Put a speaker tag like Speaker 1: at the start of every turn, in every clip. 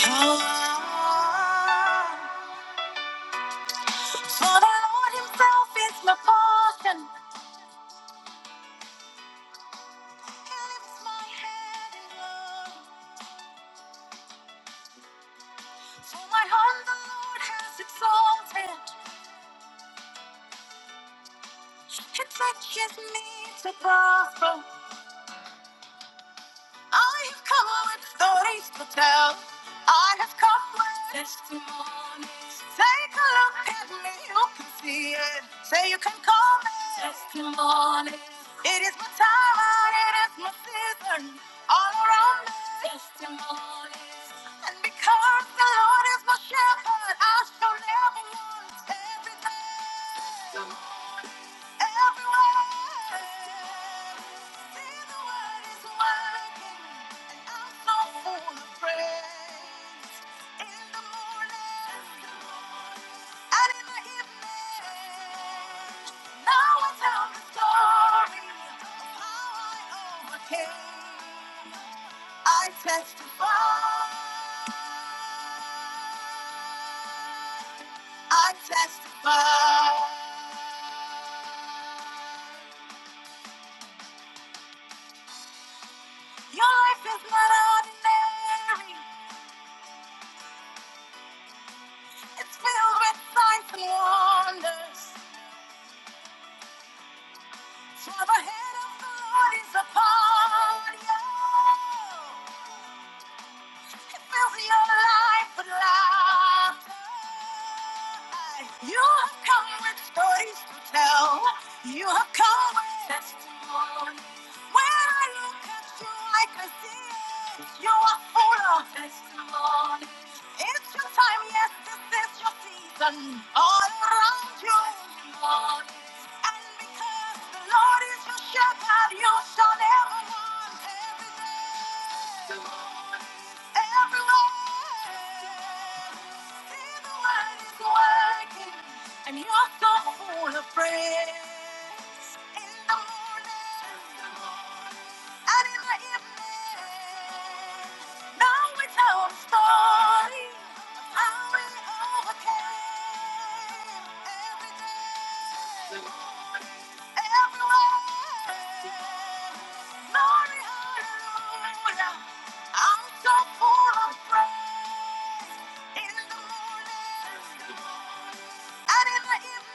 Speaker 1: For the Lord himself is my portion. He lifts my head in glory. For my hand the Lord has exalted. It teaches me to prosper. I have come with stories to tell. I have come with testimonies. Take a look at me, you can see it. Say you can call me testimonies. It is my time, and it is my season. All around me, testimonies. And because the Lord is my shepherd, I shall never want everything. Testimonies. I testify, I testify. Your life is not ordinary. It's filled with signs and wonders. For the hand of the Lord is upon you. Fill me your life with laughter. You have come with stories to tell. You have come with testimony. When I look at you, I can see it. You are full of testimony. It's your time, yes, this is your season. All around you, Lord. And because the Lord is your shepherd, you shall never want every day. And you're so full of praise in the morning, and in the evening. Now it's our story, of how we overcame every day. Everywhere. Glory, hallelujah. I'm so full of praise in the morning and in the evening.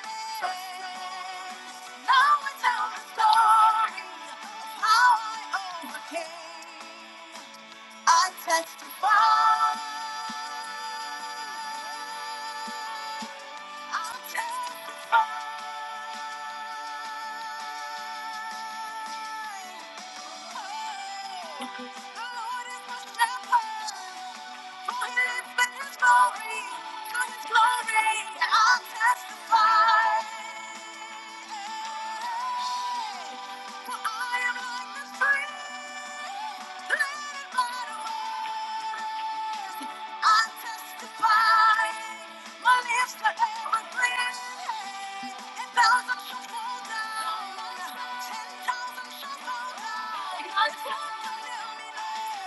Speaker 1: Now I tell the story of how I overcame. I testify. I testify. I'll testify.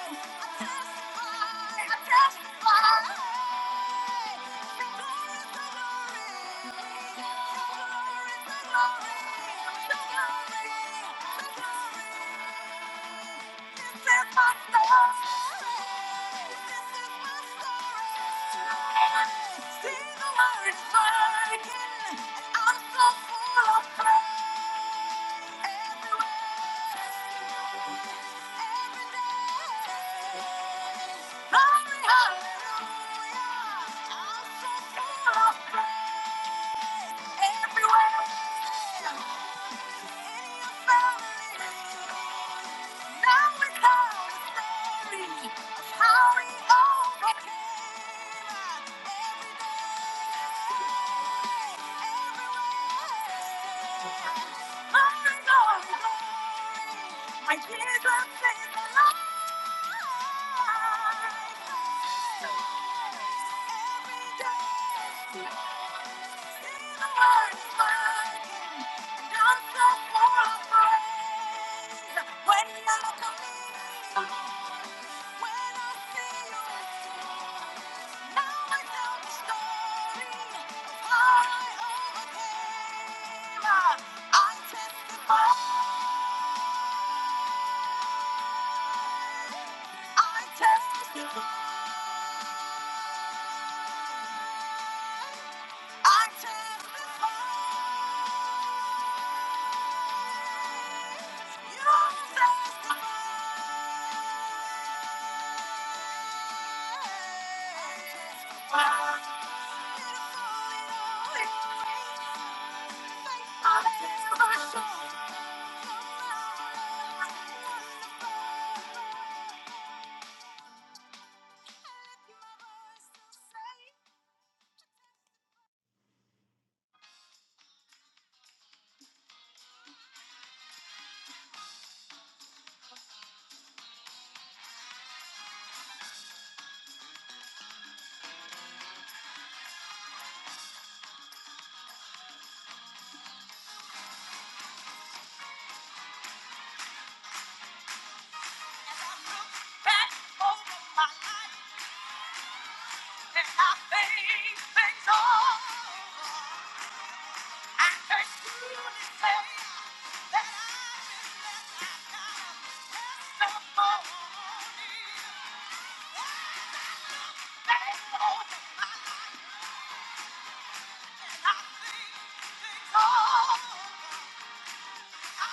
Speaker 1: I Sing the word, and I'm so full of praise. Hallelujah. I'm so full of praise. Every My Jesus is alive. Every day. I testify, I testify, you testify. Oh! Wait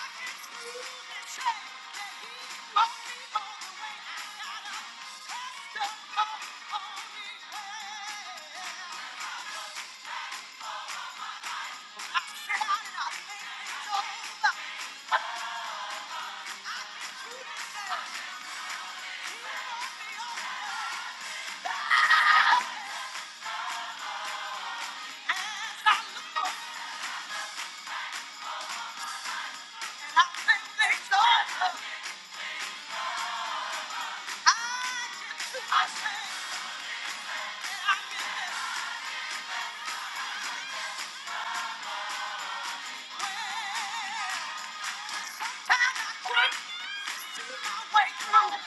Speaker 1: through,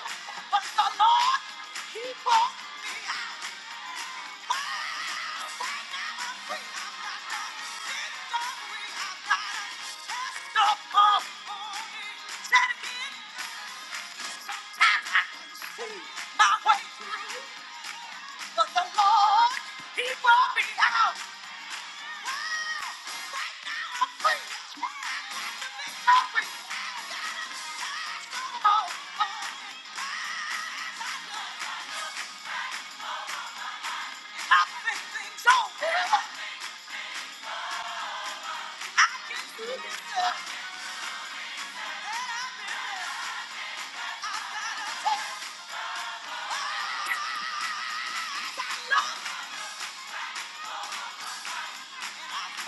Speaker 1: But the Lord, keep on. I can do this. Thank you.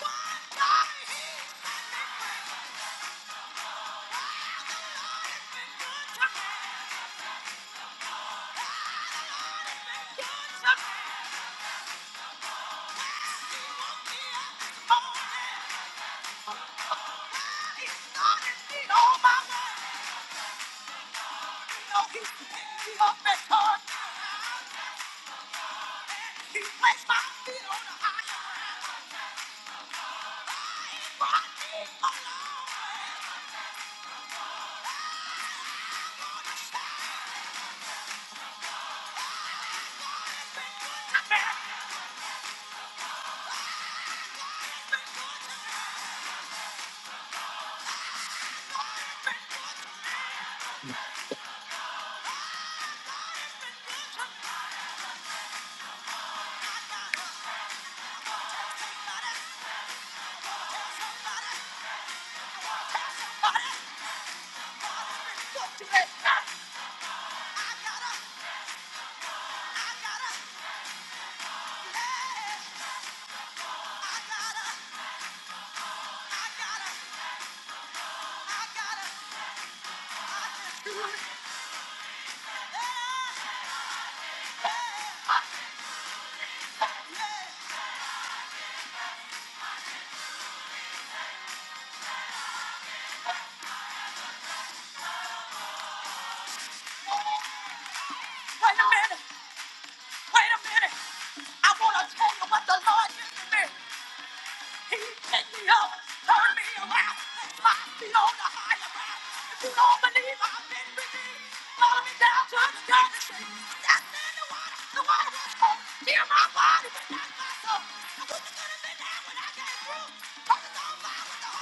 Speaker 1: Why? Why? The Lord has been good to me. Wait a minute, wait a minute. I want to tell you what the Lord did to me. He me me around, on the the the The If you don't not believe I've I'm I I I I I I've I've been been been redeemed, follow me down to the dirty street. Step in the water. the water was cold. Heal my body, but not my soul. I wish it could have been there when I came through. but nobody. no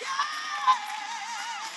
Speaker 1: Yeah!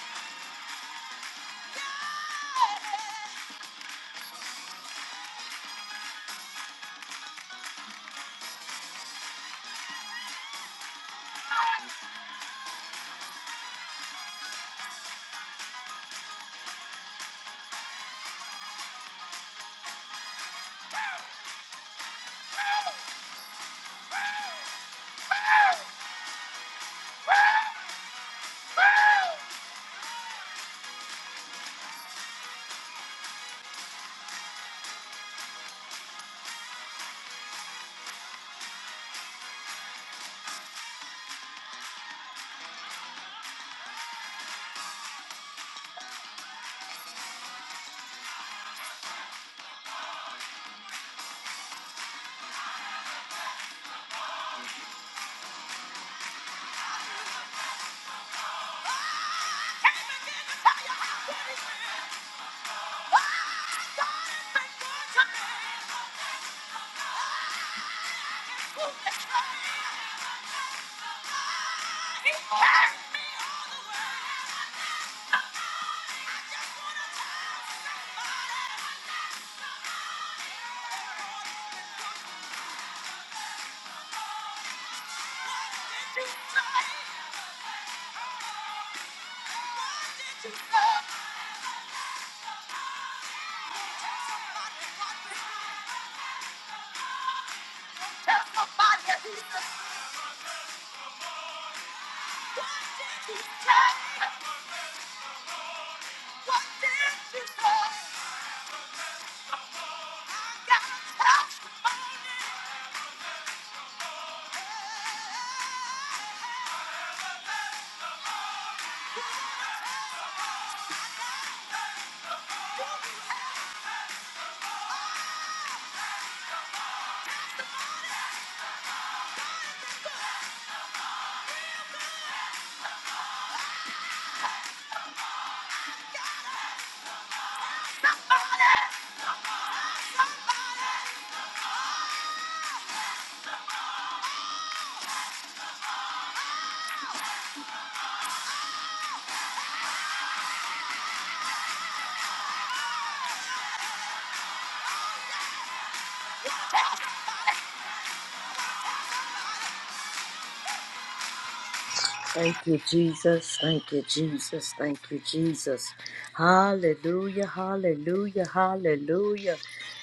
Speaker 2: Thank you, Jesus. Thank you, Jesus. Thank you, Jesus. Hallelujah, hallelujah, hallelujah.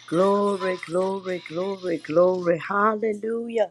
Speaker 2: Glory, glory, glory, glory. Hallelujah.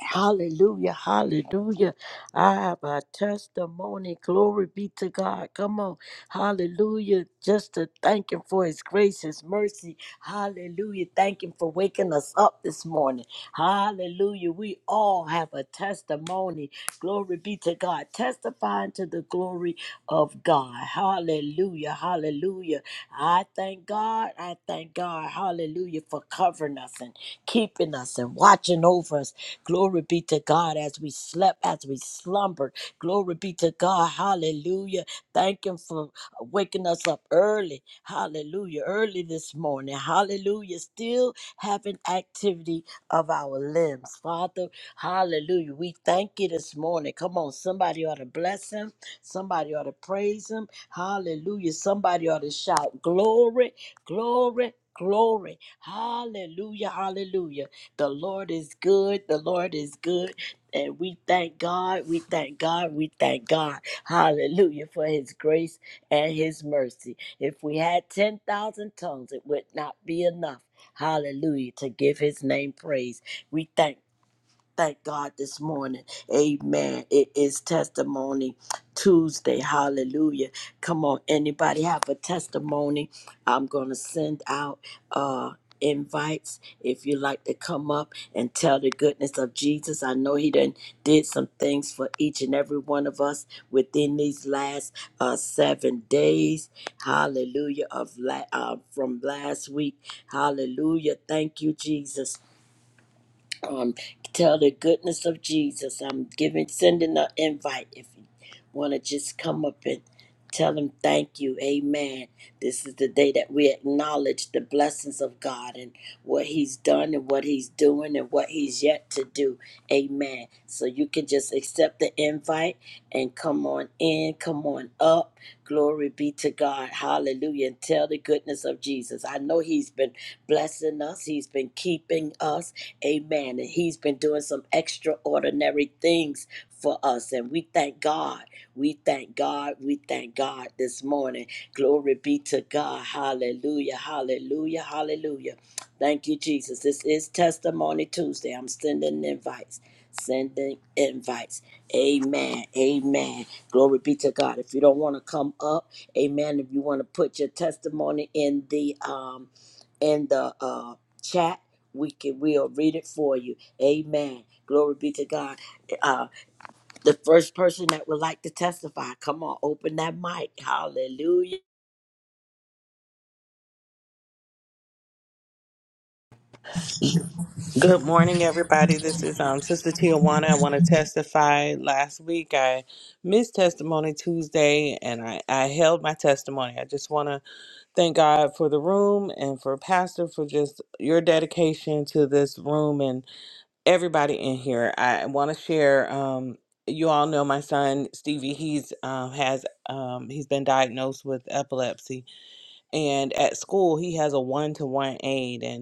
Speaker 2: Hallelujah, hallelujah. I have a testimony. Glory be to God. Come on. Hallelujah. Just to thank Him for His grace, His mercy. Hallelujah. Thank Him for waking us up this morning. Hallelujah. We all have a testimony. Glory be to God. Testifying to the glory of God. Hallelujah, hallelujah. I thank God. I thank God. Hallelujah for covering us and keeping us and watching over us. Glory be to God as we slept, as we slumbered. Glory be to God. Hallelujah. Thank Him for waking us up early. Hallelujah. Early this morning. Hallelujah. Still having activity of our limbs. Father, hallelujah. We thank you this morning on it. Come on. Somebody ought to bless him. Somebody ought to praise him. Hallelujah. Somebody ought to shout, Glory, glory, glory. Hallelujah. Hallelujah. The Lord is good. The Lord is good. And we thank God. We thank God. We thank God. Hallelujah for his grace and his mercy. If we had 10,000 tongues, it would not be enough. Hallelujah to give his name praise. We thank Thank God this morning. Amen. It is testimony Tuesday. Hallelujah. Come on, anybody have a testimony? I'm going to send out uh invites if you like to come up and tell the goodness of Jesus. I know he done did some things for each and every one of us within these last uh 7 days. Hallelujah of la- uh, from last week. Hallelujah. Thank you Jesus um, tell the goodness of Jesus. I'm giving, sending an invite if you want to just come up and tell him thank you. Amen. This is the day that we acknowledge the blessings of God and what he's done and what he's doing and what he's yet to do. Amen. So you can just accept the invite and come on in, come on up. Glory be to God. Hallelujah. And tell the goodness of Jesus. I know He's been blessing us, He's been keeping us. Amen. And He's been doing some extraordinary things for us. And we thank God. We thank God. We thank God this morning. Glory be to God. Hallelujah. Hallelujah. Hallelujah. Thank you, Jesus. This is Testimony Tuesday. I'm sending invites. Sending invites. Amen. Amen. Glory be to God. If you don't want to come up, amen. If you want to put your testimony in the um in the uh chat, we can we'll read it for you. Amen. Glory be to God. Uh the first person that would like to testify, come on, open that mic. Hallelujah.
Speaker 3: Good morning, everybody. This is um, Sister Tijuana. I want to testify. Last week, I missed Testimony Tuesday, and I, I held my testimony. I just want to thank God for the room and for Pastor for just your dedication to this room and everybody in here. I want to share. Um, you all know my son Stevie. He's um, has um, he's been diagnosed with epilepsy, and at school he has a one to one aid, and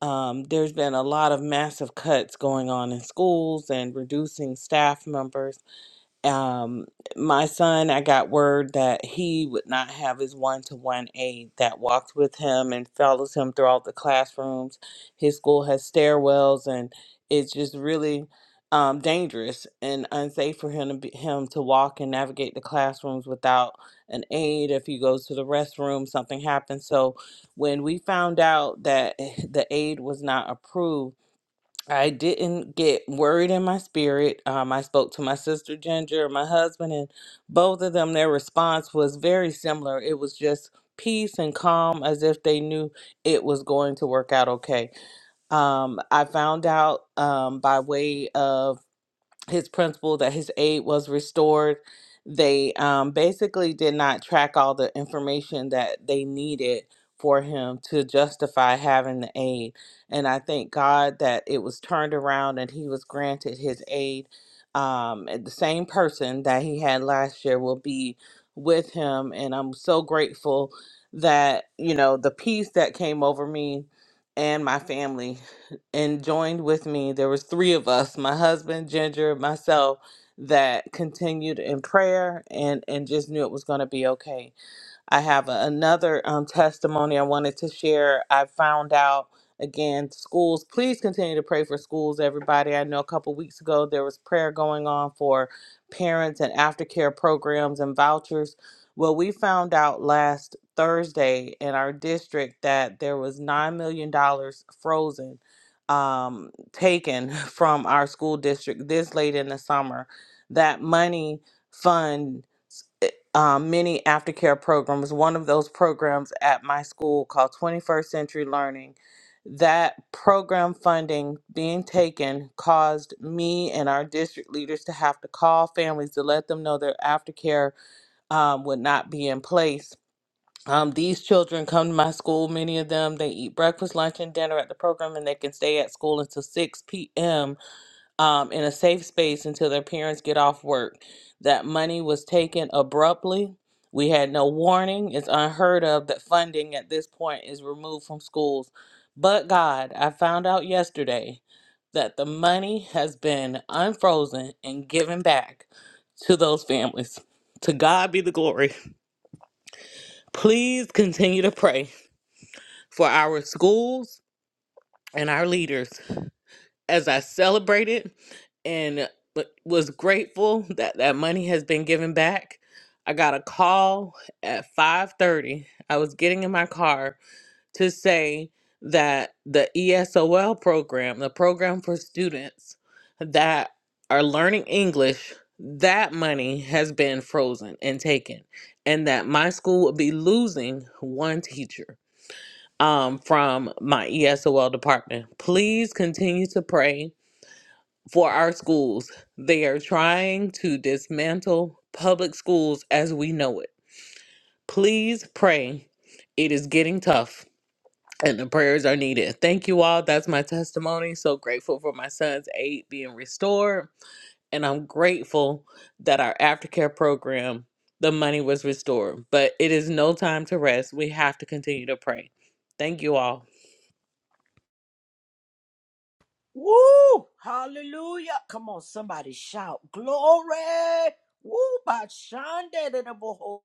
Speaker 3: um, there's been a lot of massive cuts going on in schools and reducing staff members. Um, my son, I got word that he would not have his one to one aide that walked with him and follows him throughout the classrooms. His school has stairwells, and it's just really um, dangerous and unsafe for him to be, him to walk and navigate the classrooms without an aide. If he goes to the restroom, something happens. So when we found out that the aide was not approved I didn't get worried in my spirit. Um, I spoke to my sister Ginger, my husband, and both of them, their response was very similar. It was just peace and calm, as if they knew it was going to work out okay. Um, I found out um, by way of his principal that his aid was restored. They um, basically did not track all the information that they needed for him to justify having the aid. And I thank God that it was turned around and he was granted his aid. Um, and the same person that he had last year will be with him. And I'm so grateful that, you know, the peace that came over me and my family and joined with me. There was three of us, my husband, Ginger, myself, that continued in prayer and and just knew it was going to be okay. I have a- another um, testimony I wanted to share. I found out again schools please continue to pray for schools everybody i know a couple weeks ago there was prayer going on for parents and aftercare programs and vouchers well we found out last thursday in our district that there was $9 million dollars frozen um, taken from our school district this late in the summer that money fund um, many aftercare programs. One of those programs at my school called 21st Century Learning. That program funding being taken caused me and our district leaders to have to call families to let them know their aftercare um, would not be in place. Um, these children come to my school, many of them, they eat breakfast, lunch, and dinner at the program, and they can stay at school until 6 p.m um, in a safe space until their parents get off work. That money was taken abruptly. We had no warning. It's unheard of that funding at this point is removed from schools. But God, I found out yesterday that the money has been unfrozen and given back to those families. To God be the glory. Please continue to pray for our schools and our leaders as I celebrated and uh, was grateful that that money has been given back. I got a call at 5:30. I was getting in my car to say that the ESOL program, the program for students that are learning English, that money has been frozen and taken and that my school will be losing one teacher um, from my ESOL department. Please continue to pray for our schools. They are trying to dismantle public schools as we know it. Please pray. It is getting tough and the prayers are needed. Thank you all. That's my testimony. So grateful for my son's aid being restored. And I'm grateful that our aftercare program, the money was restored. But it is no time to rest. We have to continue to pray. Thank you all.
Speaker 2: Woo! Hallelujah. Come on, somebody shout. Glory. Woo! Bashande de de boho.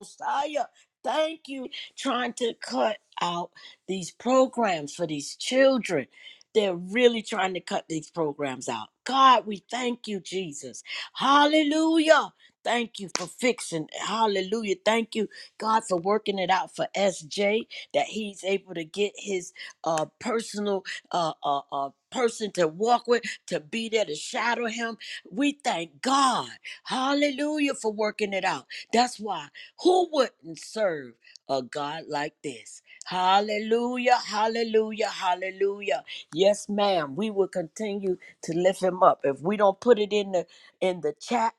Speaker 2: Messiah. Thank you. Trying to cut out these programs for these children. They're really trying to cut these programs out. God, we thank you, Jesus. Hallelujah. Thank you for fixing. Hallelujah. Thank you, God, for working it out for SJ that he's able to get his uh, personal uh, uh, uh, person to walk with, to be there, to shadow him. We thank God. Hallelujah for working it out. That's why. Who wouldn't serve a God like this? Hallelujah, hallelujah, hallelujah. Yes, ma'am. We will continue to lift him up. If we don't put it in the in the chat,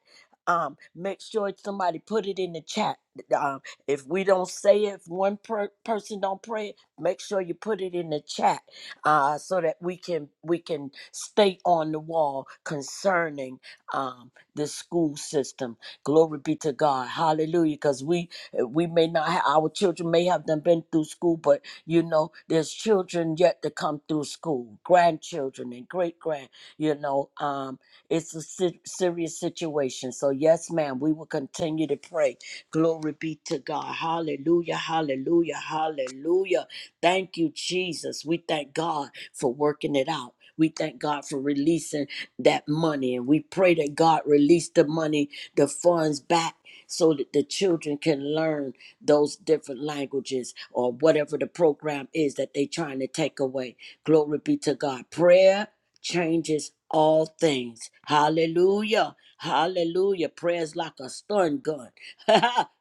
Speaker 2: um, make sure somebody put it in the chat. Um, if we don't say it, if one per- person don't pray, it, make sure you put it in the chat uh, so that we can we can stay on the wall concerning um, the school system Glory be to God. Hallelujah. Because we we may not have our children may have done been through school, but you know, there's children yet to come through school, grandchildren and great grand, you know. Um, it's a si- serious situation. So yes, ma'am, we will continue to pray. Glory be to God. Hallelujah. Hallelujah. Hallelujah. Thank you, Jesus. We thank God for working it out. We thank God for releasing that money. And we pray that God release the money, the funds back so that the children can learn those different languages or whatever the program is that they're trying to take away. Glory be to God. Prayer changes all things. Hallelujah. Hallelujah. Prayer is like a stun gun.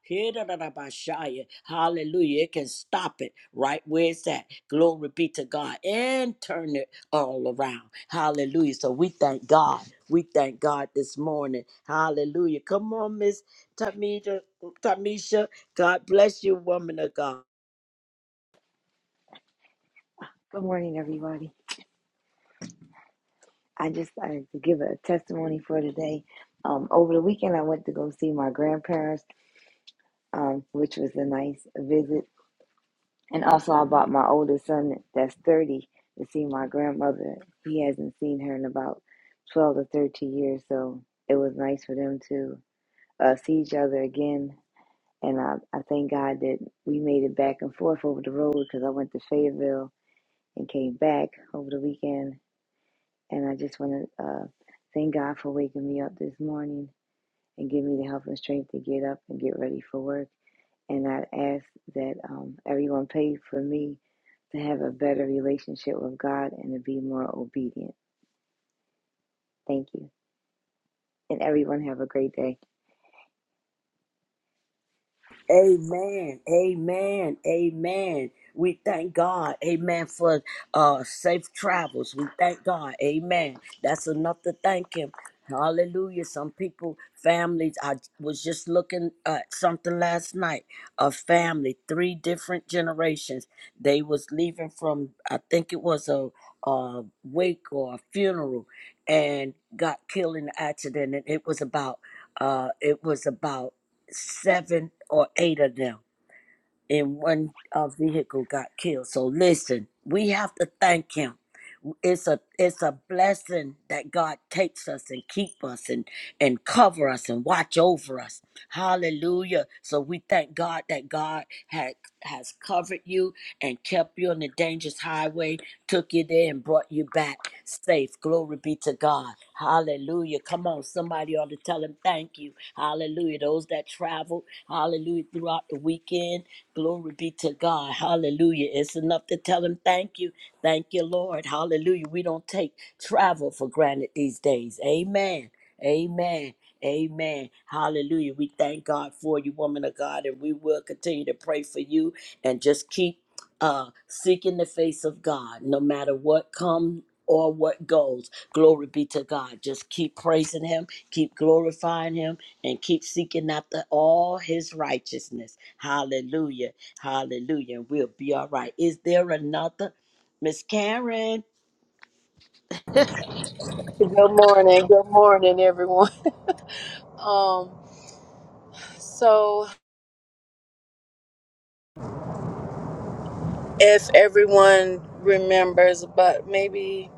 Speaker 2: hidda Hallelujah. It can stop it right where it's at. Glory be to God. And turn it all around. Hallelujah. So we thank God. We thank God this morning. Hallelujah. Come on, Miss Tamisha. Tamisha, God bless you, woman of God.
Speaker 4: Good morning, everybody. I just wanted to give a testimony for today. Um, over the weekend, I went to go see my grandparents, um, which was a nice visit. And also, I bought my oldest son, that's 30, to see my grandmother. He hasn't seen her in about 12 to 13 years, so it was nice for them to uh, see each other again. And I, I thank God that we made it back and forth over the road because I went to Fayetteville and came back over the weekend And I just want to uh, thank God for waking me up this morning and give me the help and strength to get up and get ready for work. And I ask that um, everyone pray for me to have a better relationship with God and to be more obedient. Thank you. And everyone have a great day.
Speaker 2: Amen. Amen. Amen. We thank God. Amen. For uh safe travels. We thank God. Amen. That's enough to thank him. Hallelujah. Some people, families, I was just looking at something last night. A family, three different generations. They was leaving from I think it was a uh wake or a funeral and got killed in an accident. And it was about uh it was about seven or eight of them in one uh, vehicle got killed. So listen, we have to thank him it's a it's a blessing that God takes us and keep us and and cover us and watch over us. Hallelujah. So we thank God that God had has covered you and kept you on the dangerous highway, took you there and brought you back safe. Glory be to God. Hallelujah. Come on, somebody ought to tell him thank you. Hallelujah. Those that travel, hallelujah, throughout the weekend. Glory be to God. Hallelujah. It's enough to tell him thank you Thank you, Lord. Hallelujah. We don't take travel for granted these days. Amen. Amen. Amen. Hallelujah. We thank God for you, woman of God, and we will continue to pray for you and just keep uh seeking the face of God no matter what comes or what goes. Glory be to God. Just keep praising him, keep glorifying him, and keep seeking after all his righteousness. Hallelujah. Hallelujah. And we'll be all right. Is there another? Miss Karen.
Speaker 5: Good morning. Good morning, everyone. Um, so if everyone remembers, but maybe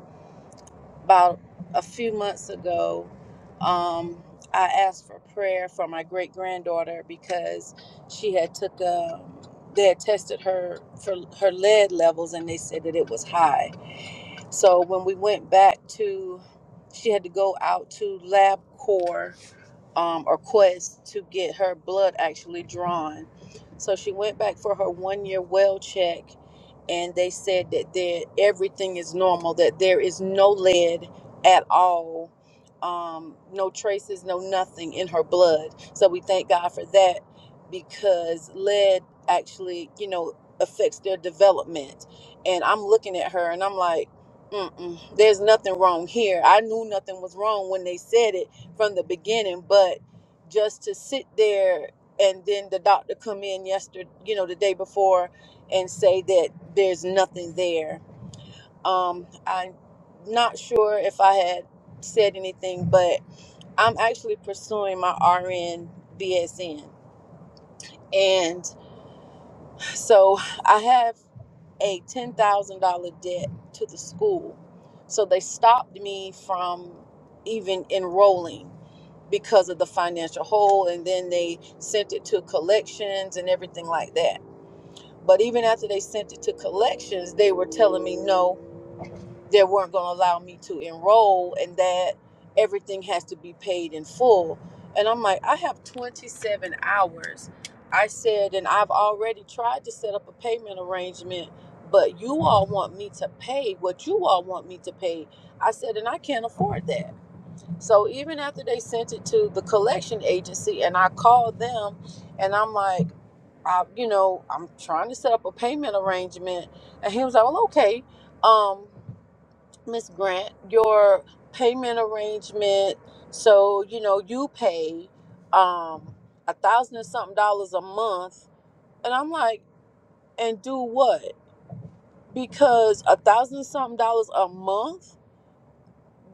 Speaker 5: about a few months ago, um, I asked for prayer for my great granddaughter because she had took a they had tested her for her lead levels and they said that it was high. So when we went back to, she had to go out to LabCorp um, or quest to get her blood actually drawn. So she went back for her one year well check, and they said that there everything is normal, that there is no lead at all, um, no traces, no nothing in her blood. So we thank God for that because lead actually, you know, affects their development. And I'm looking at her and I'm like, Mm-mm, there's nothing wrong here. I knew nothing was wrong when they said it from the beginning, but just to sit there and then the doctor come in yesterday, you know, the day before and say that there's nothing there. Um, I'm not sure if I had said anything, but I'm actually pursuing my RN BSN. And so I have a $10,000 debt to the school. So they stopped me from even enrolling because of the financial hole and then they sent it to collections and everything like that but even after they sent it to collections they were telling me no they weren't going to allow me to enroll and that everything has to be paid in full and i'm like i have 27 hours i said and i've already tried to set up a payment arrangement but you all want me to pay what you all want me to pay i said and i can't afford that so even after they sent it to the collection agency and I called them and I'm like, I, you know, I'm trying to set up a payment arrangement. And he was like, well, okay, um, Miss Grant, your payment arrangement. So, you know, you pay, um, a thousand and something dollars a month. And I'm like, and do what? Because a thousand and something dollars a month,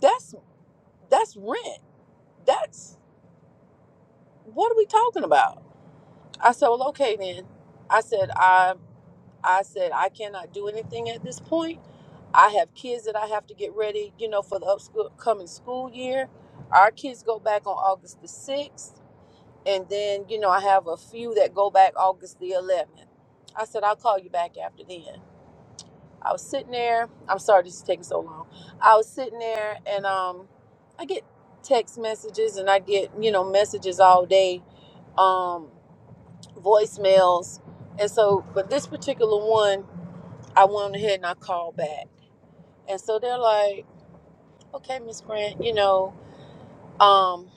Speaker 5: that's, that's rent. That's, what are we talking about? I said, "Well, okay then." I said, "I I said I cannot do anything at this point. I have kids that I have to get ready, you know, for the upcoming school year. Our kids go back on August the sixth, and then you know I have a few that go back August the eleventh. I said I'll call you back after then. I was sitting there. I'm sorry this is taking so long. I was sitting there, and um, I get text messages and I get you know messages all day Um, voicemails. And so, but this particular one, I went ahead and I called back. And so they're like, okay, Miss Grant, you know, um,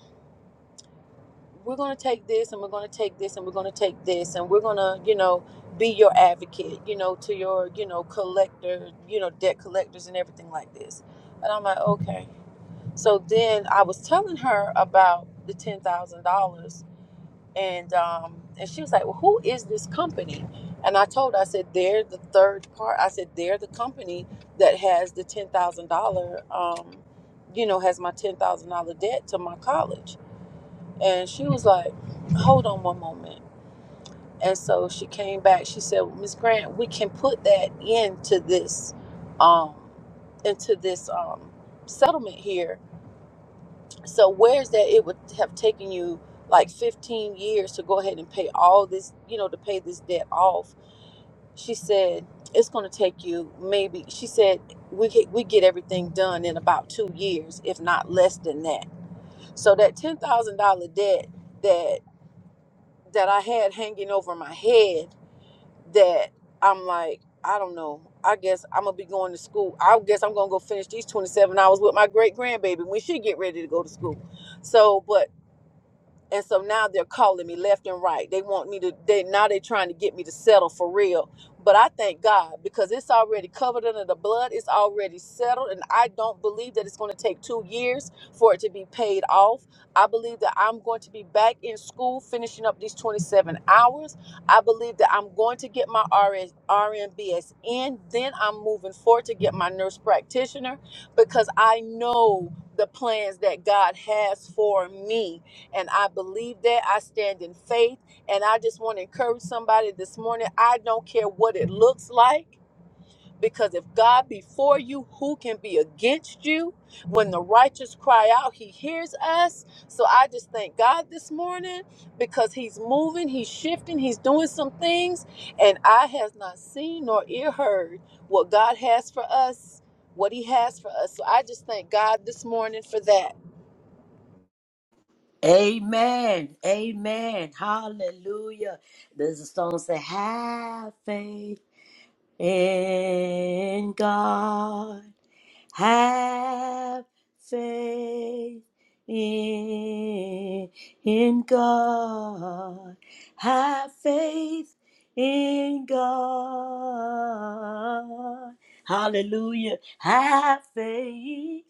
Speaker 5: we're going to take this and we're going to take this and we're going to take this and we're going to, you know, be your advocate, you know, to your, you know, collector, you know, debt collectors and everything like this. And I'm like, okay. So then I was telling her about the $10,000 and um, and she was like, "Well, who is this company?" And I told her, I said, "They're the third part." I said, "They're the company that has the ten thousand dollar, um, you know, has my ten thousand dollar debt to my college." And she was like, "Hold on one moment." And so she came back. She said, "Well, "Miss Grant, we can put that into this, um, into this um, settlement here." So where's that it would have taken you like 15 years to go ahead and pay all this, you know, to pay this debt off? She said it's going to take you maybe. She said we get, we get everything done in about two years, if not less than that. So that ten thousand dollar debt that that I had hanging over my head, that I'm like, I don't know. I guess I'm gonna be going to school. I guess I'm gonna go finish these 27 hours with my great grandbaby when she get ready to go to school. So, but and so now they're calling me left and right they want me to they now they're trying to get me to settle for real but i thank god because it's already covered under the blood it's already settled and i don't believe that it's going to take two years for it to be paid off i believe that i'm going to be back in school finishing up these 27 hours i believe that i'm going to get my RS, rmbs then i'm moving forward to get my nurse practitioner because i know the plans that god has for me and I believe that. I stand in faith. And I just want to encourage somebody this morning. I don't care what it looks like. Because if God be for you, who can be against you? When the righteous cry out, he hears us. So I just thank God this morning because he's moving, he's shifting, he's doing some things. And I has not seen nor ear heard what God has for us, what he has for us. So I just thank God this morning for that.
Speaker 2: Amen. Amen. Hallelujah. There's a song that say, Have faith in God. Have faith in, in God. Have faith in God. Hallelujah. Have faith.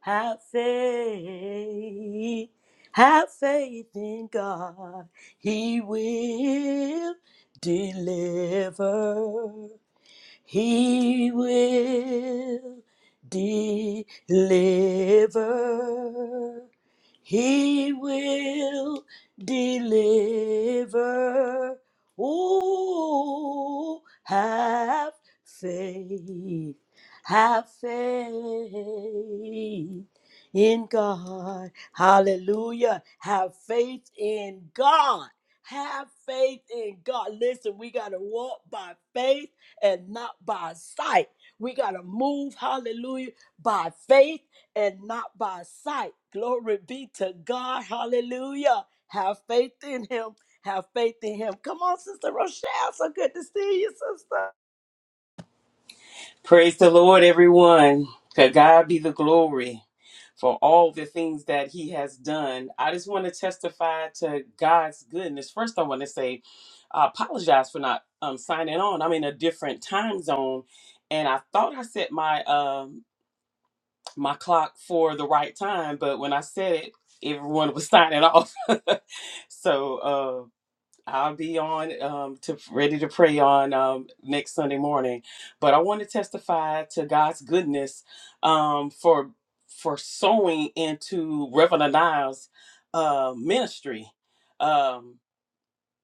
Speaker 2: Have faith. Have faith in God. He will deliver. He will deliver. He will deliver. Oh, have faith, have faith in God. Hallelujah. Have faith in God. Have faith in God. Listen, we got to walk by faith and not by sight. We got to move, hallelujah, by faith and not by sight. Glory be to God, hallelujah. Have faith in Him. Have faith in Him. Come on, Sister Rochelle. So good to see you, Sister.
Speaker 6: Praise the Lord, everyone. To God be the glory for all the things that He has done. I just want to testify to God's goodness. First, I want to say, I apologize for not um, signing on. I'm in a different time zone, and I thought I set my um, my clock for the right time, but when I said it, everyone was signing off. so. uh, I'll be on um, to ready to pray on um, next Sunday morning, but I want to testify to God's goodness um, for for sowing into Reverend Niles' uh, ministry. Um,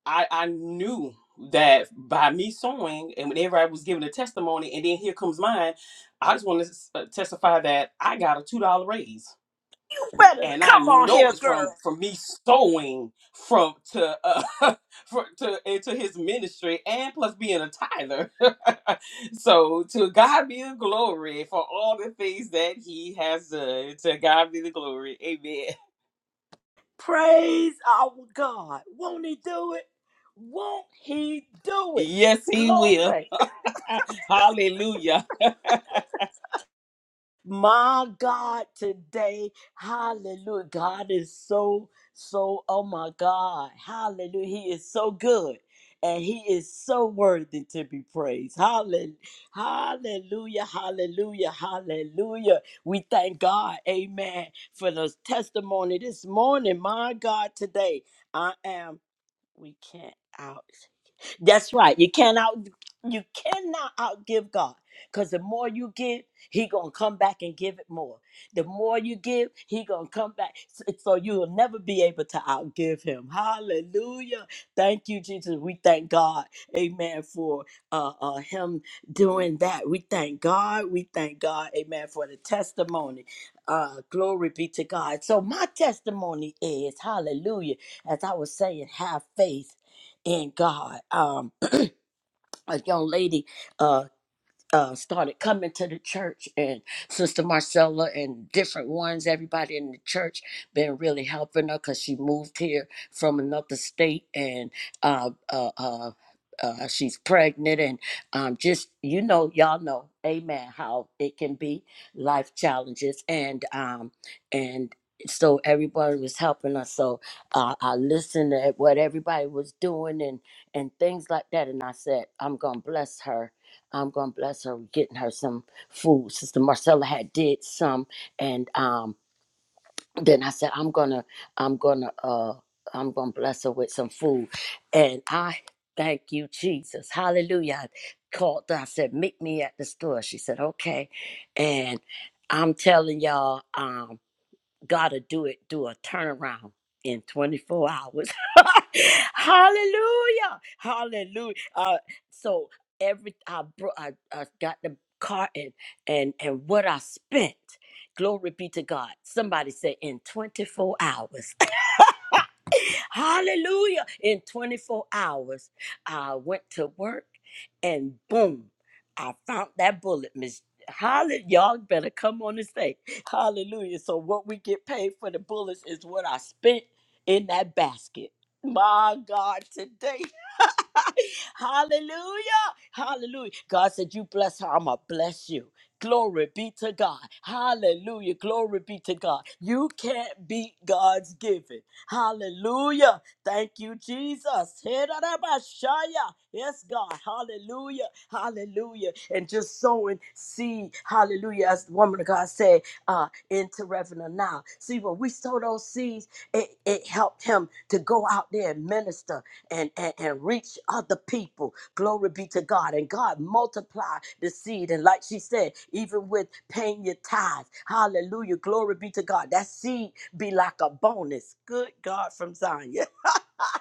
Speaker 6: I I knew that by me sowing and whenever I was giving a testimony, and then here comes mine. I just want to testify that I got a two dollar raise
Speaker 2: Better
Speaker 6: and I
Speaker 2: come on
Speaker 6: know
Speaker 2: here,
Speaker 6: it's from
Speaker 2: girl.
Speaker 6: from me sowing from to uh for, to into his ministry and plus being a tither. so to God be the glory for all the things that he has done. To God be the glory. Amen.
Speaker 2: Praise our God. Won't He do it? Won't He do it?
Speaker 6: Yes, he will.
Speaker 2: Glory.
Speaker 6: Hallelujah.
Speaker 2: My God, today, hallelujah. God is so, so, oh my God, hallelujah. He is so good and he is so worthy to be praised. Hallelujah, hallelujah, hallelujah, hallelujah. We thank God, amen, for those testimony this morning. My God, today, I am, we can't out. That's right. You cannot you cannot outgive God. Cause the more you give, He gonna come back and give it more. The more you give, He gonna come back. So so you will never be able to outgive Him. Hallelujah. Thank you, Jesus. We thank God. Amen. For uh, uh Him doing that. We thank God. We thank God. Amen. For the testimony. Uh, glory be to God. So my testimony is Hallelujah. As I was saying, have faith in God. Um, a young lady. Uh, uh, started coming to the church and sister marcella and different ones everybody in the church been really helping her because she moved here from another state and uh, uh, uh, uh, she's pregnant and um, just you know y'all know amen how it can be life challenges and um, and so everybody was helping us so uh, i listened to what everybody was doing and and things like that and i said i'm gonna bless her I'm gonna bless her with getting her some food. Sister Marcella had did some, and um, then I said I'm gonna I'm gonna uh I'm gonna bless her with some food, and I thank you Jesus Hallelujah. I called her. I said meet me at the store. She said okay, and I'm telling y'all um God will do it, do a turnaround in 24 hours. Hallelujah. Hallelujah. Uh, so every I, bro- I I got the car and and and what I spent. Glory be to God. Somebody said in 24 hours. Hallelujah. In 24 hours, I went to work and boom, I found that bullet, Miss. Hallelujah. Y'all better come on and say, Hallelujah. So, what we get paid for the bullets is what I spent in that basket. My God, today. Hallelujah. Hallelujah. God said, You bless her, I'm going to bless you. Glory be to God. Hallelujah. Glory be to God. You can't beat God's giving. Hallelujah. Thank you, Jesus. Hidarabashaya. Yes, God. Hallelujah. Hallelujah. And just sowing seed. Hallelujah. As the woman of God said, uh, into Reverend now. See, when we sow those seeds, it, it helped him to go out there and minister and, and, and reach other people. Glory be to God. And God multiply the seed. And like she said, even with paying your tithes, hallelujah, glory be to God. That seed be like a bonus. Good God from Zion.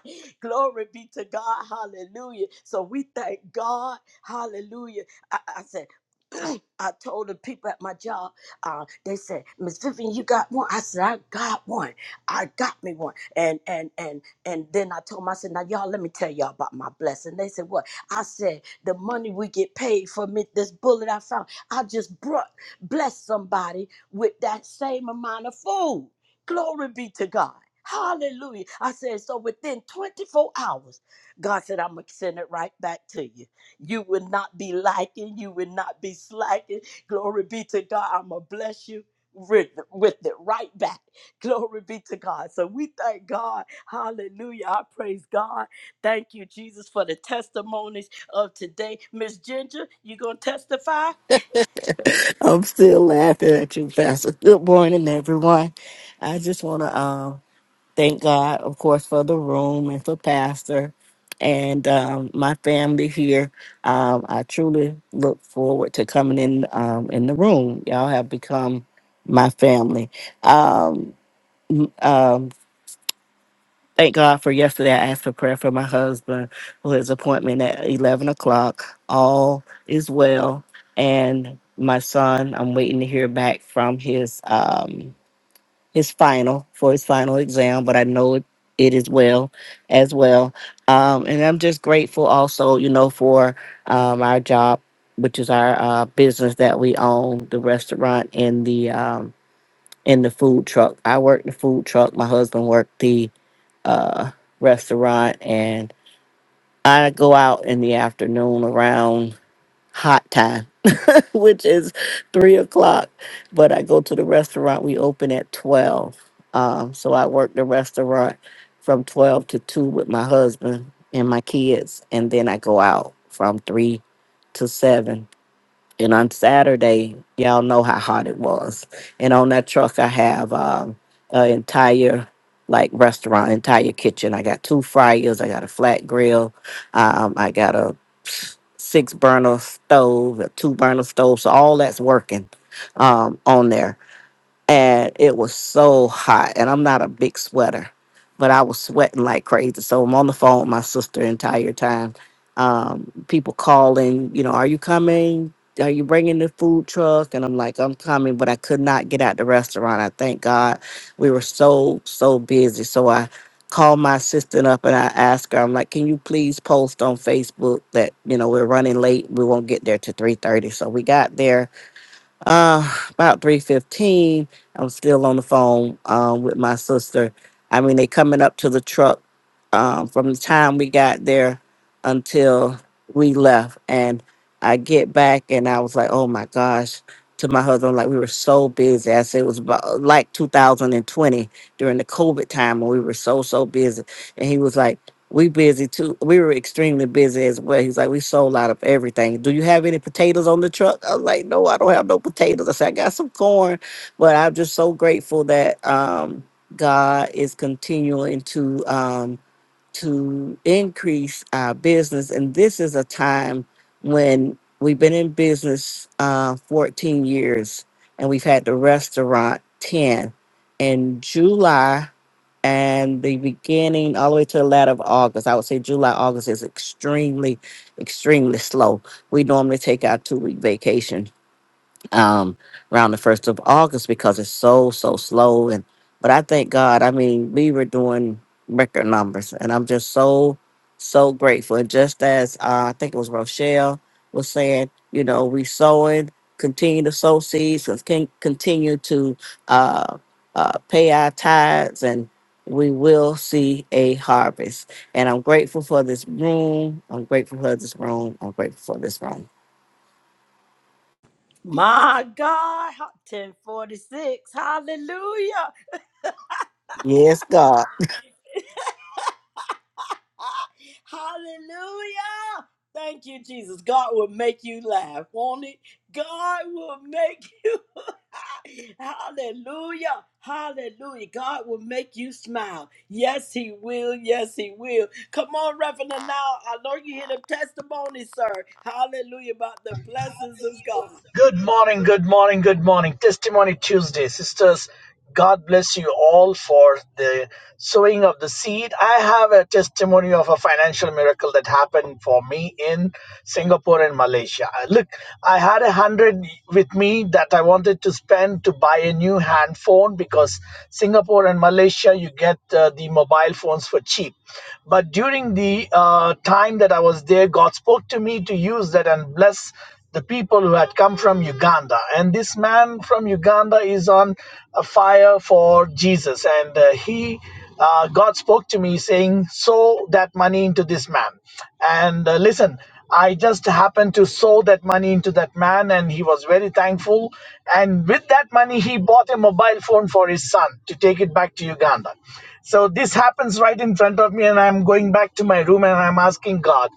Speaker 2: Glory be to God. Hallelujah. So we thank God. Hallelujah. I, I said, I told the people at my job, uh, they said, Miss Vivian, you got one? I said, I got one. I got me one. And and and and then I told them, I said, now y'all let me tell y'all about my blessing. They said, What? I said, the money we get paid for me, this bullet I found. I just brought blessed somebody with that same amount of food. Glory be to God. Hallelujah. I said, so within 24 hours, God said, I'm going to send it right back to you. You will not be lacking. You will not be slacking. Glory be to God. I'm going to bless you with, with it right back. Glory be to God. So we thank God. Hallelujah. I praise God. Thank you, Jesus, for the testimonies of today. Miss Ginger, you going to testify?
Speaker 7: I'm still laughing at you, Pastor. Good morning, everyone. I just want to um, thank God, of course, for the room and for Pastor and um, my family here. Um, I truly look forward to coming in um, in the room. Y'all have become my family. Um, um, Thank God for yesterday. I asked for prayer for my husband for his appointment at 11 o'clock. All is well. And my son, I'm waiting to hear back from his um his final for his final exam, but I know it, it is well as well. Um, and I'm just grateful also, you know, for um, our job, which is our uh, business that we own, the restaurant and the um, and the food truck. I work the food truck. My husband worked the uh, restaurant, and I go out in the afternoon around hot time, which is three o'clock. But I go to the restaurant. We open at twelve, um, so I work the restaurant from twelve to two with my husband and my kids, and then I go out from three to seven and on Saturday, y'all know how hot it was. And on that truck, I have um, an entire like restaurant, entire kitchen. I got two fryers. I got a flat grill. Um, I got a six burner stove, a two burner stove. So all that's working um, on there and it was so hot. And I'm not a big sweater, but I was sweating like crazy. So I'm on the phone with my sister the entire time. Um, people calling, you know, are you coming? Are you bringing the food truck? And I'm like, I'm coming, but I could not get out the restaurant. I thank God we were so, so busy. So I called my assistant up and I asked her, I'm like, can you please post on Facebook that, you know, we're running late. We won't get there to 3.30. So we got there uh, about three fifteen, I was still on the phone um with my sister. I mean, they coming up to the truck um from the time we got there until we left, and I get back and I was like, oh my gosh. To my husband, like we were so busy. I said it was about like 2020 during the COVID time, and we were so so busy. And he was like. We busy too. We were extremely busy as well. He's like, we sold out of everything. Do you have any potatoes on the truck? I was like, no, I don't have no potatoes. I said, I got some corn, but I'm just so grateful that um, God is continuing to um, to increase our business, and this is a time when we've been in business uh, 14 years, and we've had the restaurant 10. In July and the beginning all the way to the latter of August. I would say July, August is extremely, extremely slow. We normally take our two week vacation um, around the first of August because it's so so slow. And but I thank God. I mean, we were doing record numbers, and I'm just so so grateful. And just as uh, I think it was Rochelle was saying, you know, we sowing, continue to sow seeds, con- con- continue to uh, uh, pay our tithes and. We will see a harvest. And I'm grateful for this room. I'm grateful for this room. I'm grateful for this room.
Speaker 2: My God. 1046. Hallelujah.
Speaker 7: Yes, God.
Speaker 2: Ah, Hallelujah. Thank you, Jesus. God will make you laugh, won't it? God will make Hallelujah. Hallelujah. God will make you smile. Yes, He will. Yes, He will. Come on, Reverend. Now, I know you hear the testimony, sir. Hallelujah about the blessings of God.
Speaker 8: Good morning, good morning, good morning. Testimony Tuesday. Sisters, God bless you all for the sowing of the seed. I have a testimony of a financial miracle that happened for me in Singapore and Malaysia. I- Look, I had a hundred with me that I wanted to spend to buy a new hand phone because Singapore and Malaysia, you get uh, the mobile phones for cheap. But during the uh, time that I was there, God spoke to me to use that and bless the people who had come from Uganda. And this man from Uganda is on a fire for Jesus. And uh, he, uh, God spoke to me saying, sow that money into this man. And uh, listen, I just happened to sow that money into that man, and he was very thankful. And with that money, he bought a mobile phone for his son to take it back to Uganda. So this happens right in front of me, and I'm going back to my room and I'm asking God,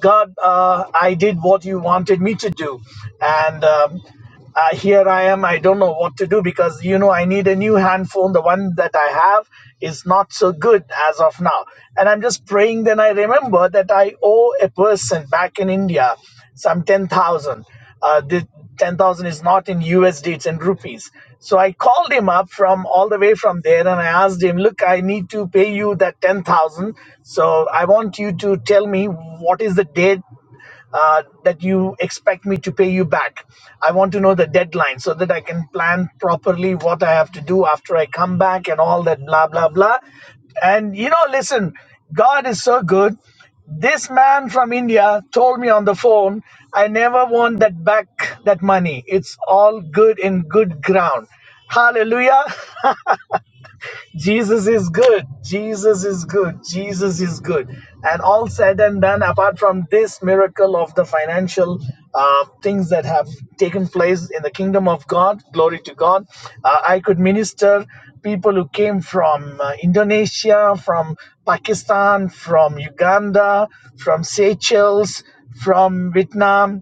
Speaker 8: God, uh, I did what you wanted me to do. And um, uh, here I am. I don't know what to do because you know I need a new handphone. The one that I have is not so good as of now. And I'm just praying. Then I remember that I owe a person back in India some ten thousand. Uh, the ten thousand is not in USD; it's in rupees. So I called him up from all the way from there, and I asked him, "Look, I need to pay you that ten thousand. So I want you to tell me what is the date uh, that you expect me to pay you back. I want to know the deadline so that I can plan properly what I have to do after I come back and all that, blah, blah, blah. And you know, listen, God is so good. This man from India told me on the phone, I never want that back, that money. It's all good in good ground. Hallelujah. Jesus is good. Jesus is good. Jesus is good. And all said and done, apart from this miracle of the financial uh, things that have taken place in the kingdom of God, glory to God, uh, I could minister people who came from uh, Indonesia, from Pakistan, from Uganda, from Seychelles, from Vietnam,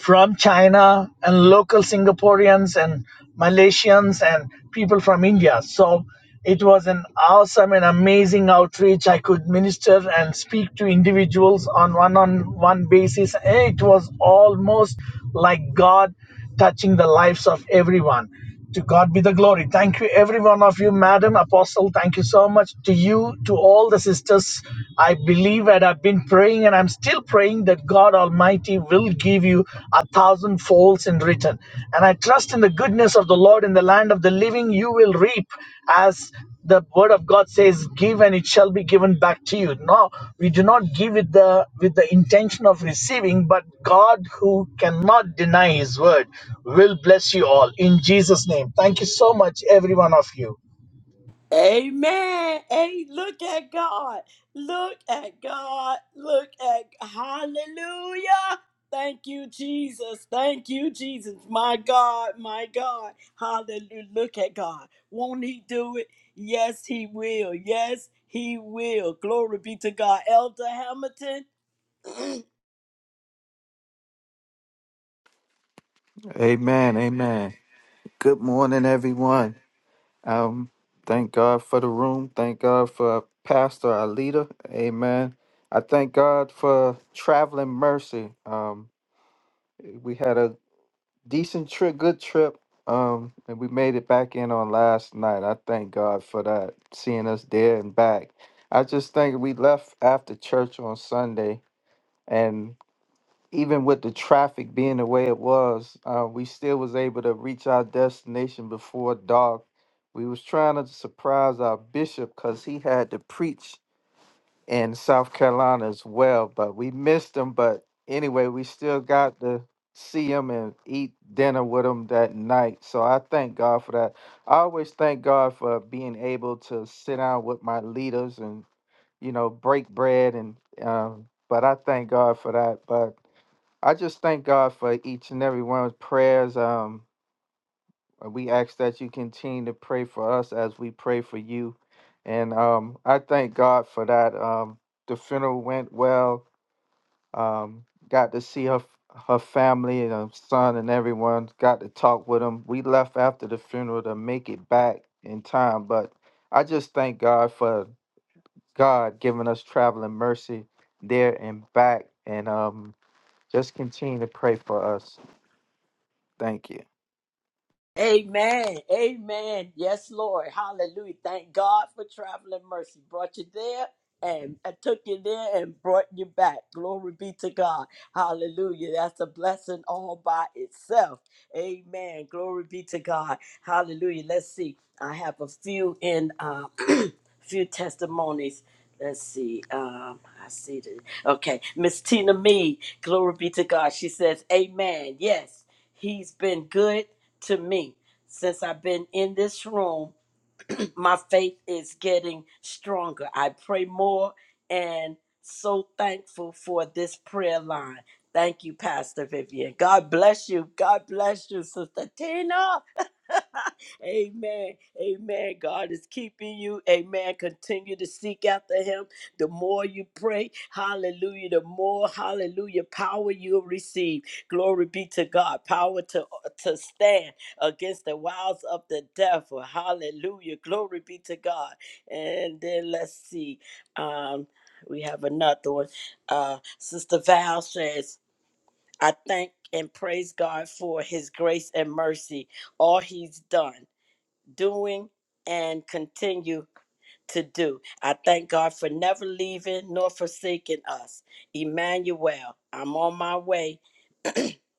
Speaker 8: from China and local Singaporeans and Malaysians and people from India. So it was an awesome and amazing outreach. I could minister and speak to individuals on one on one basis. And it was almost like God touching the lives of everyone. To God be the glory. Thank you, every one of you, Madam Apostle. Thank you so much to you, to all the sisters. I believe and I've been praying and I'm still praying that God Almighty will give you a thousand folds in return. And I trust in the goodness of the Lord in the land of the living, you will reap as the word of god says give and it shall be given back to you no we do not give it the with the intention of receiving but god who cannot deny his word will bless you all in jesus name thank you so much every one of you
Speaker 2: Amen. Hey, look at God. Look at God. Look at Hallelujah. Thank you, Jesus. Thank you, Jesus. My God, my God. Hallelujah. Look at God. Won't He do it? Yes, He will. Yes, He will. Glory be to God. Elder Hamilton.
Speaker 1: Amen. Amen. Good morning, everyone. Um, thank God for the room. Thank God for Pastor Alita. Amen. I thank God for traveling mercy. Um, We had a decent trip, good trip. Um, and we made it back in on last night. I thank God for that, seeing us there and back. I just think we left after church on Sunday, and even with the traffic being the way it was, uh, we still was able to reach our destination before dark. We was trying to surprise our bishop because he had to preach and South Carolina as well. But we missed them. But anyway, we still got to see them and eat dinner with them that night. So I thank God for that. I always thank God for being able to sit down with my leaders and you know break bread and. Um, but I thank God for that. But I just thank God for each and every one's prayers. Um, uh, We ask that you continue to pray for us as we pray for you. And um, I thank God for that. Um, the funeral went well. Um, got to see her her family and her son and everyone. Got to talk with them. We left after the funeral to make it back in time. But I just thank God for God giving us traveling mercy there and back. And um, just continue to pray for us. Thank you.
Speaker 2: Amen. Amen. Yes, Lord. Hallelujah. Thank God for traveling mercy. Brought you there and I took you there and brought you back. Glory be to God. Hallelujah. That's a blessing all by itself. Amen. Glory be to God. Hallelujah. Let's see. I have a few in. uh, few testimonies. Let's see. Um, I see the okay. Miss Tina Mead, glory be to God. She says, Amen. Yes, he's been good to me. Since I've been in this room, my faith is getting stronger. I pray more and so thankful for this prayer line. Thank you, Pastor Vivian. God bless you. God bless you, Sister Tina. Amen. Amen. God is keeping you. Amen. Continue to seek after him. The more you pray, hallelujah, the more hallelujah power you'll receive. Glory be to God. Power to, to stand against the wiles of the devil. Hallelujah. Glory be to God. And then let's see. Um, we have another one. Uh, Sister Val says, I thank and praise God for his grace and mercy, all he's done doing and continue to do. I thank God for never leaving nor forsaking us. Emmanuel, I'm on my way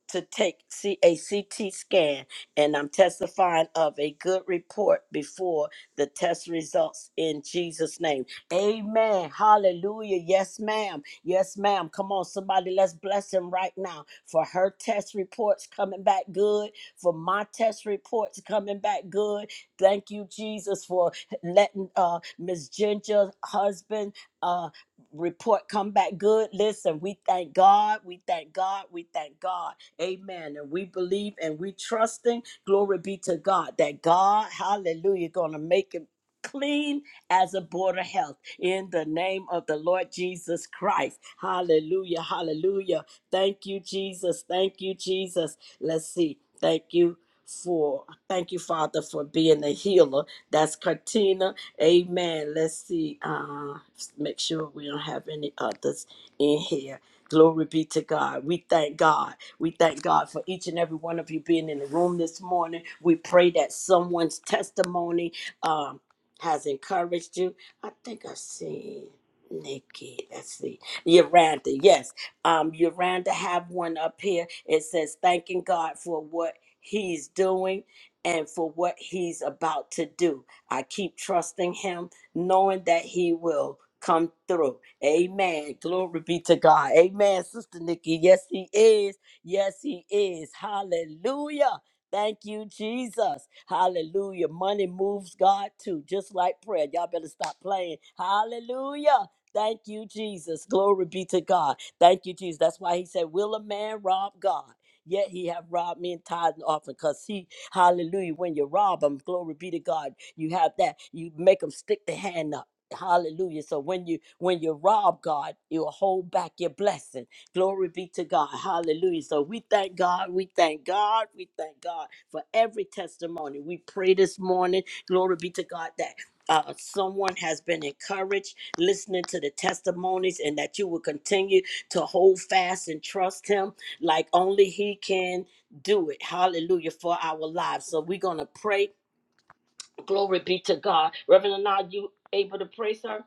Speaker 2: to take C A C T scan, and I'm testifying of a good report before the test results in Jesus' name. Amen. Hallelujah. Yes, ma'am. Yes, ma'am. Come on, somebody, let's bless him right now for her test reports coming back good, for my test reports coming back good. Thank you, Jesus, for letting uh, Miss Ginger's husband. Uh, report come back good listen we thank god we thank god we thank god Amen. And we believe and we trusting. Glory be to God that God, hallelujah, gonna make it clean as a board of health in the name of the Lord Jesus Christ. Hallelujah. Hallelujah. Thank you, Jesus. Thank you, Jesus. Let's see. Thank you. For thank you, Father, for being a healer. That's Katina. Amen. Let's see. Uh, make sure we don't have any others in here. Glory be to God. We thank God. We thank God for each and every one of you being in the room this morning. We pray that someone's testimony um, has encouraged you. I think I see Nikki. Let's see. Yolanda, yes. Um, Yolanda have one up here. It says, thanking God for what he's doing and for what he's about to do. I keep trusting him, knowing that he will come through. Amen. Glory be to God. Amen, Sister Nikki. Yes, he is. Yes, He is. Hallelujah. Thank you, Jesus. Hallelujah. Money moves God too, just like prayer. Y'all better stop playing. Hallelujah. Thank you, Jesus. Glory be to God. Thank you, Jesus. That's why he said, Will a man rob God? Yet he have robbed me in tithe and offering. because he, hallelujah, when you rob him, glory be to God, you have that, you make them stick the hand up. Hallelujah. So when you when you rob God, you'll hold back your blessings. Glory be to God. Hallelujah. So we thank God. We thank God. We thank God for every testimony. We pray this morning. Glory be to God that. Uh, someone has been encouraged listening to the testimonies, and that you will continue to hold fast and trust Him like only He can do it. Hallelujah for our lives. So we're going to pray. Glory be to God. Reverend Anand, you able to pray, sir?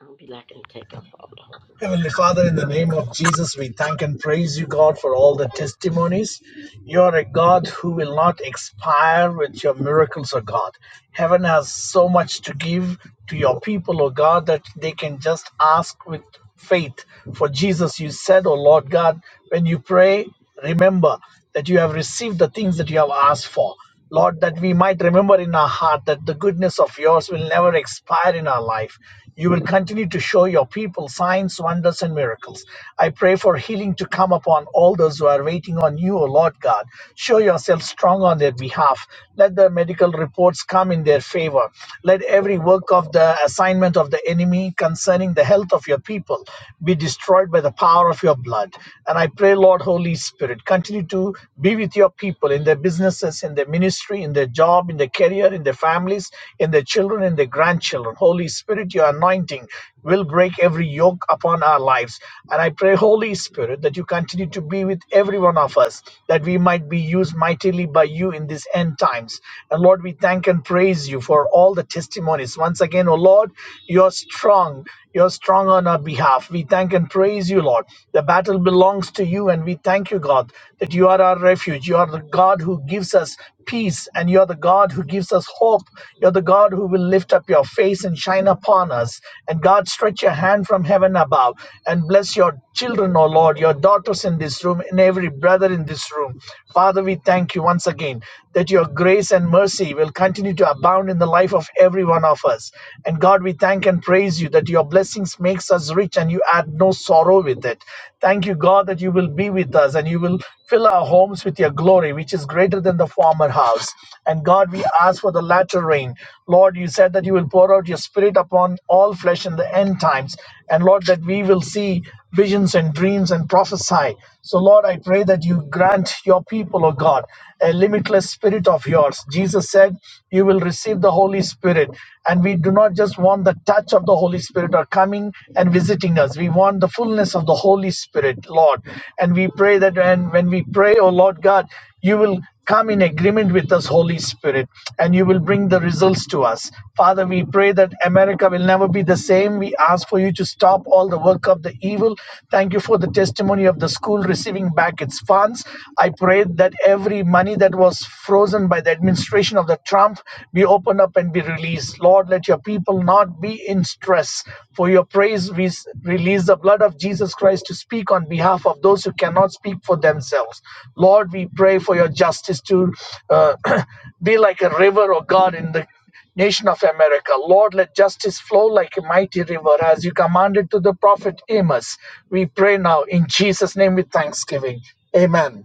Speaker 2: I'll be lacking to take up. Hold on.
Speaker 8: Heavenly Father, in the name of Jesus, we thank and praise you, God, for all the testimonies. You are a God who will not expire with your miracles, O God. Heaven has so much to give to your people, O God, that they can just ask with faith. For Jesus, you said, O Lord God, when you pray, remember that you have received the things that you have asked for. Lord, that we might remember in our heart that the goodness of yours will never expire in our life. You will continue to show your people signs, wonders, and miracles. I pray for healing to come upon all those who are waiting on you, O Lord God. Show yourself strong on their behalf. Let the medical reports come in their favor. Let every work of the assignment of the enemy concerning the health of your people be destroyed by the power of your blood. And I pray, Lord, Holy Spirit, continue continue to be with your people in their businesses, in their ministry, in their job, in their career, in their families, in their children, in their grandchildren. Holy Spirit, your anointing will break every yoke upon our lives. And I pray, Holy Spirit, that you continue to be with every one of us, that we might be used mightily by you in these end times. And Lord, we thank and praise you for all the testimonies. Once again, O Lord, you are strong. You're strong on our behalf. We thank and praise you, Lord. The battle belongs to you, and we thank you, God, that you are our refuge. You are the God who gives us peace, and you're the God who gives us hope. You're the God who will lift up your face and shine upon us. And God, stretch your hand from heaven above and bless your children, O Lord, your daughters in this room, and every brother in this room. Father, we thank you once again that your grace and mercy will continue to abound in the life of every one of us us. And God, we thank and praise you that your blessings makes us rich and you add no sorrow with it. Thank you, God, that you will be with us and you will fill our homes with your glory, which is greater than the former house. And God, we ask for the latter rain. Lord, you said that you will pour out your spirit upon all flesh in the end times. And Lord, that we will see visions and dreams and prophesy. So, Lord, I pray that you grant your people, O God, a limitless spirit of yours. Jesus said, you will receive the Holy Spirit. And we do not just want the touch of the Holy Spirit or coming and visiting us. We want the fullness of the Holy Spirit, Lord. And we pray that when, when we pray, oh Lord God, you will come in agreement with us, Holy Spirit, and you will bring the results to us. Father, we pray that America will never be the same. We ask for you to stop all the work of the evil. Thank you for the testimony of the school receiving back its funds. I pray that every money that was was frozen by the administration of the Trump be opened up and be released. Lord, let your people not be in stress. For your praise, we release the blood of Jesus Christ to speak on behalf of those who cannot speak for themselves. Lord, we pray for your justice to uh, be like a river, oh God, in the nation of America. Lord, let justice flow like a mighty river as you commanded to the prophet Amos. We pray now in Jesus' name with thanksgiving. Amen.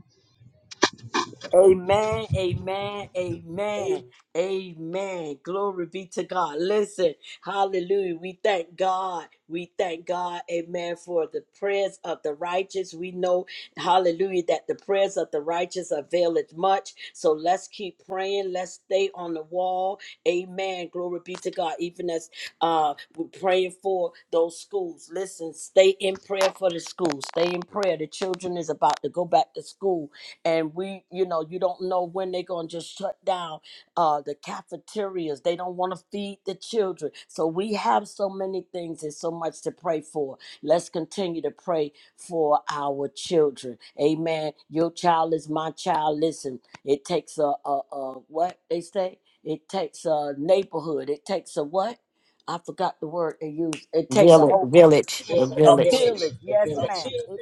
Speaker 2: Amen, amen, amen, amen. Glory be to God. Listen, hallelujah. We thank God. We thank God, amen, for the prayers of the righteous. We know, hallelujah, that the prayers of the righteous availeth much. So let's keep praying. Let's stay on the wall. Amen. Glory be to God. Even as uh, we're praying for those schools. Listen, stay in prayer for the schools. Stay in prayer. The children is about to go back to school and we you know you don't know when they're going to just shut down uh the cafeterias they don't want to feed the children so we have so many things and so much to pray for let's continue to pray for our children amen your child is my child listen it takes a a, a what they say it takes a neighborhood it takes a what i forgot the word they use it takes a
Speaker 7: Village,
Speaker 2: whole co-
Speaker 7: village, the
Speaker 2: a
Speaker 7: village.
Speaker 2: village yes ma'am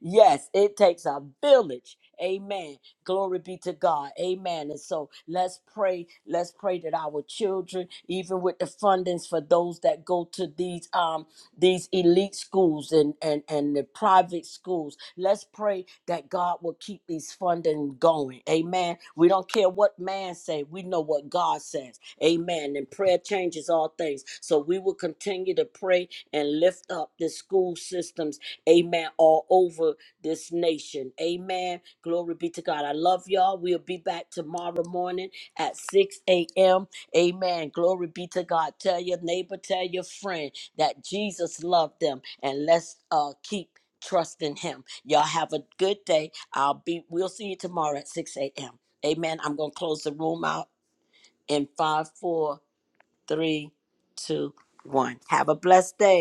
Speaker 2: Yes, it takes a village. Amen. Glory be to God. Amen. And so let's pray. Let's pray that our children, even with the fundings for those that go to these um these elite schools and and and the private schools, let's pray that God will keep these funding going. Amen. We don't care what man say. We know what God says. Amen. And prayer changes all things. So we will continue to pray and lift up the school systems Amen. All over this nation. Amen. Glory be to God. I love y'all. We'll be back tomorrow morning at 6 a.m. Amen. Glory be to God. Tell your neighbor, tell your friend that Jesus loved them. And let's uh keep trusting him. Y'all have a good day. I'll be we'll see you tomorrow at 6 a.m. Amen. I'm gonna close the room out in five, four, three, two, one. Have a blessed day.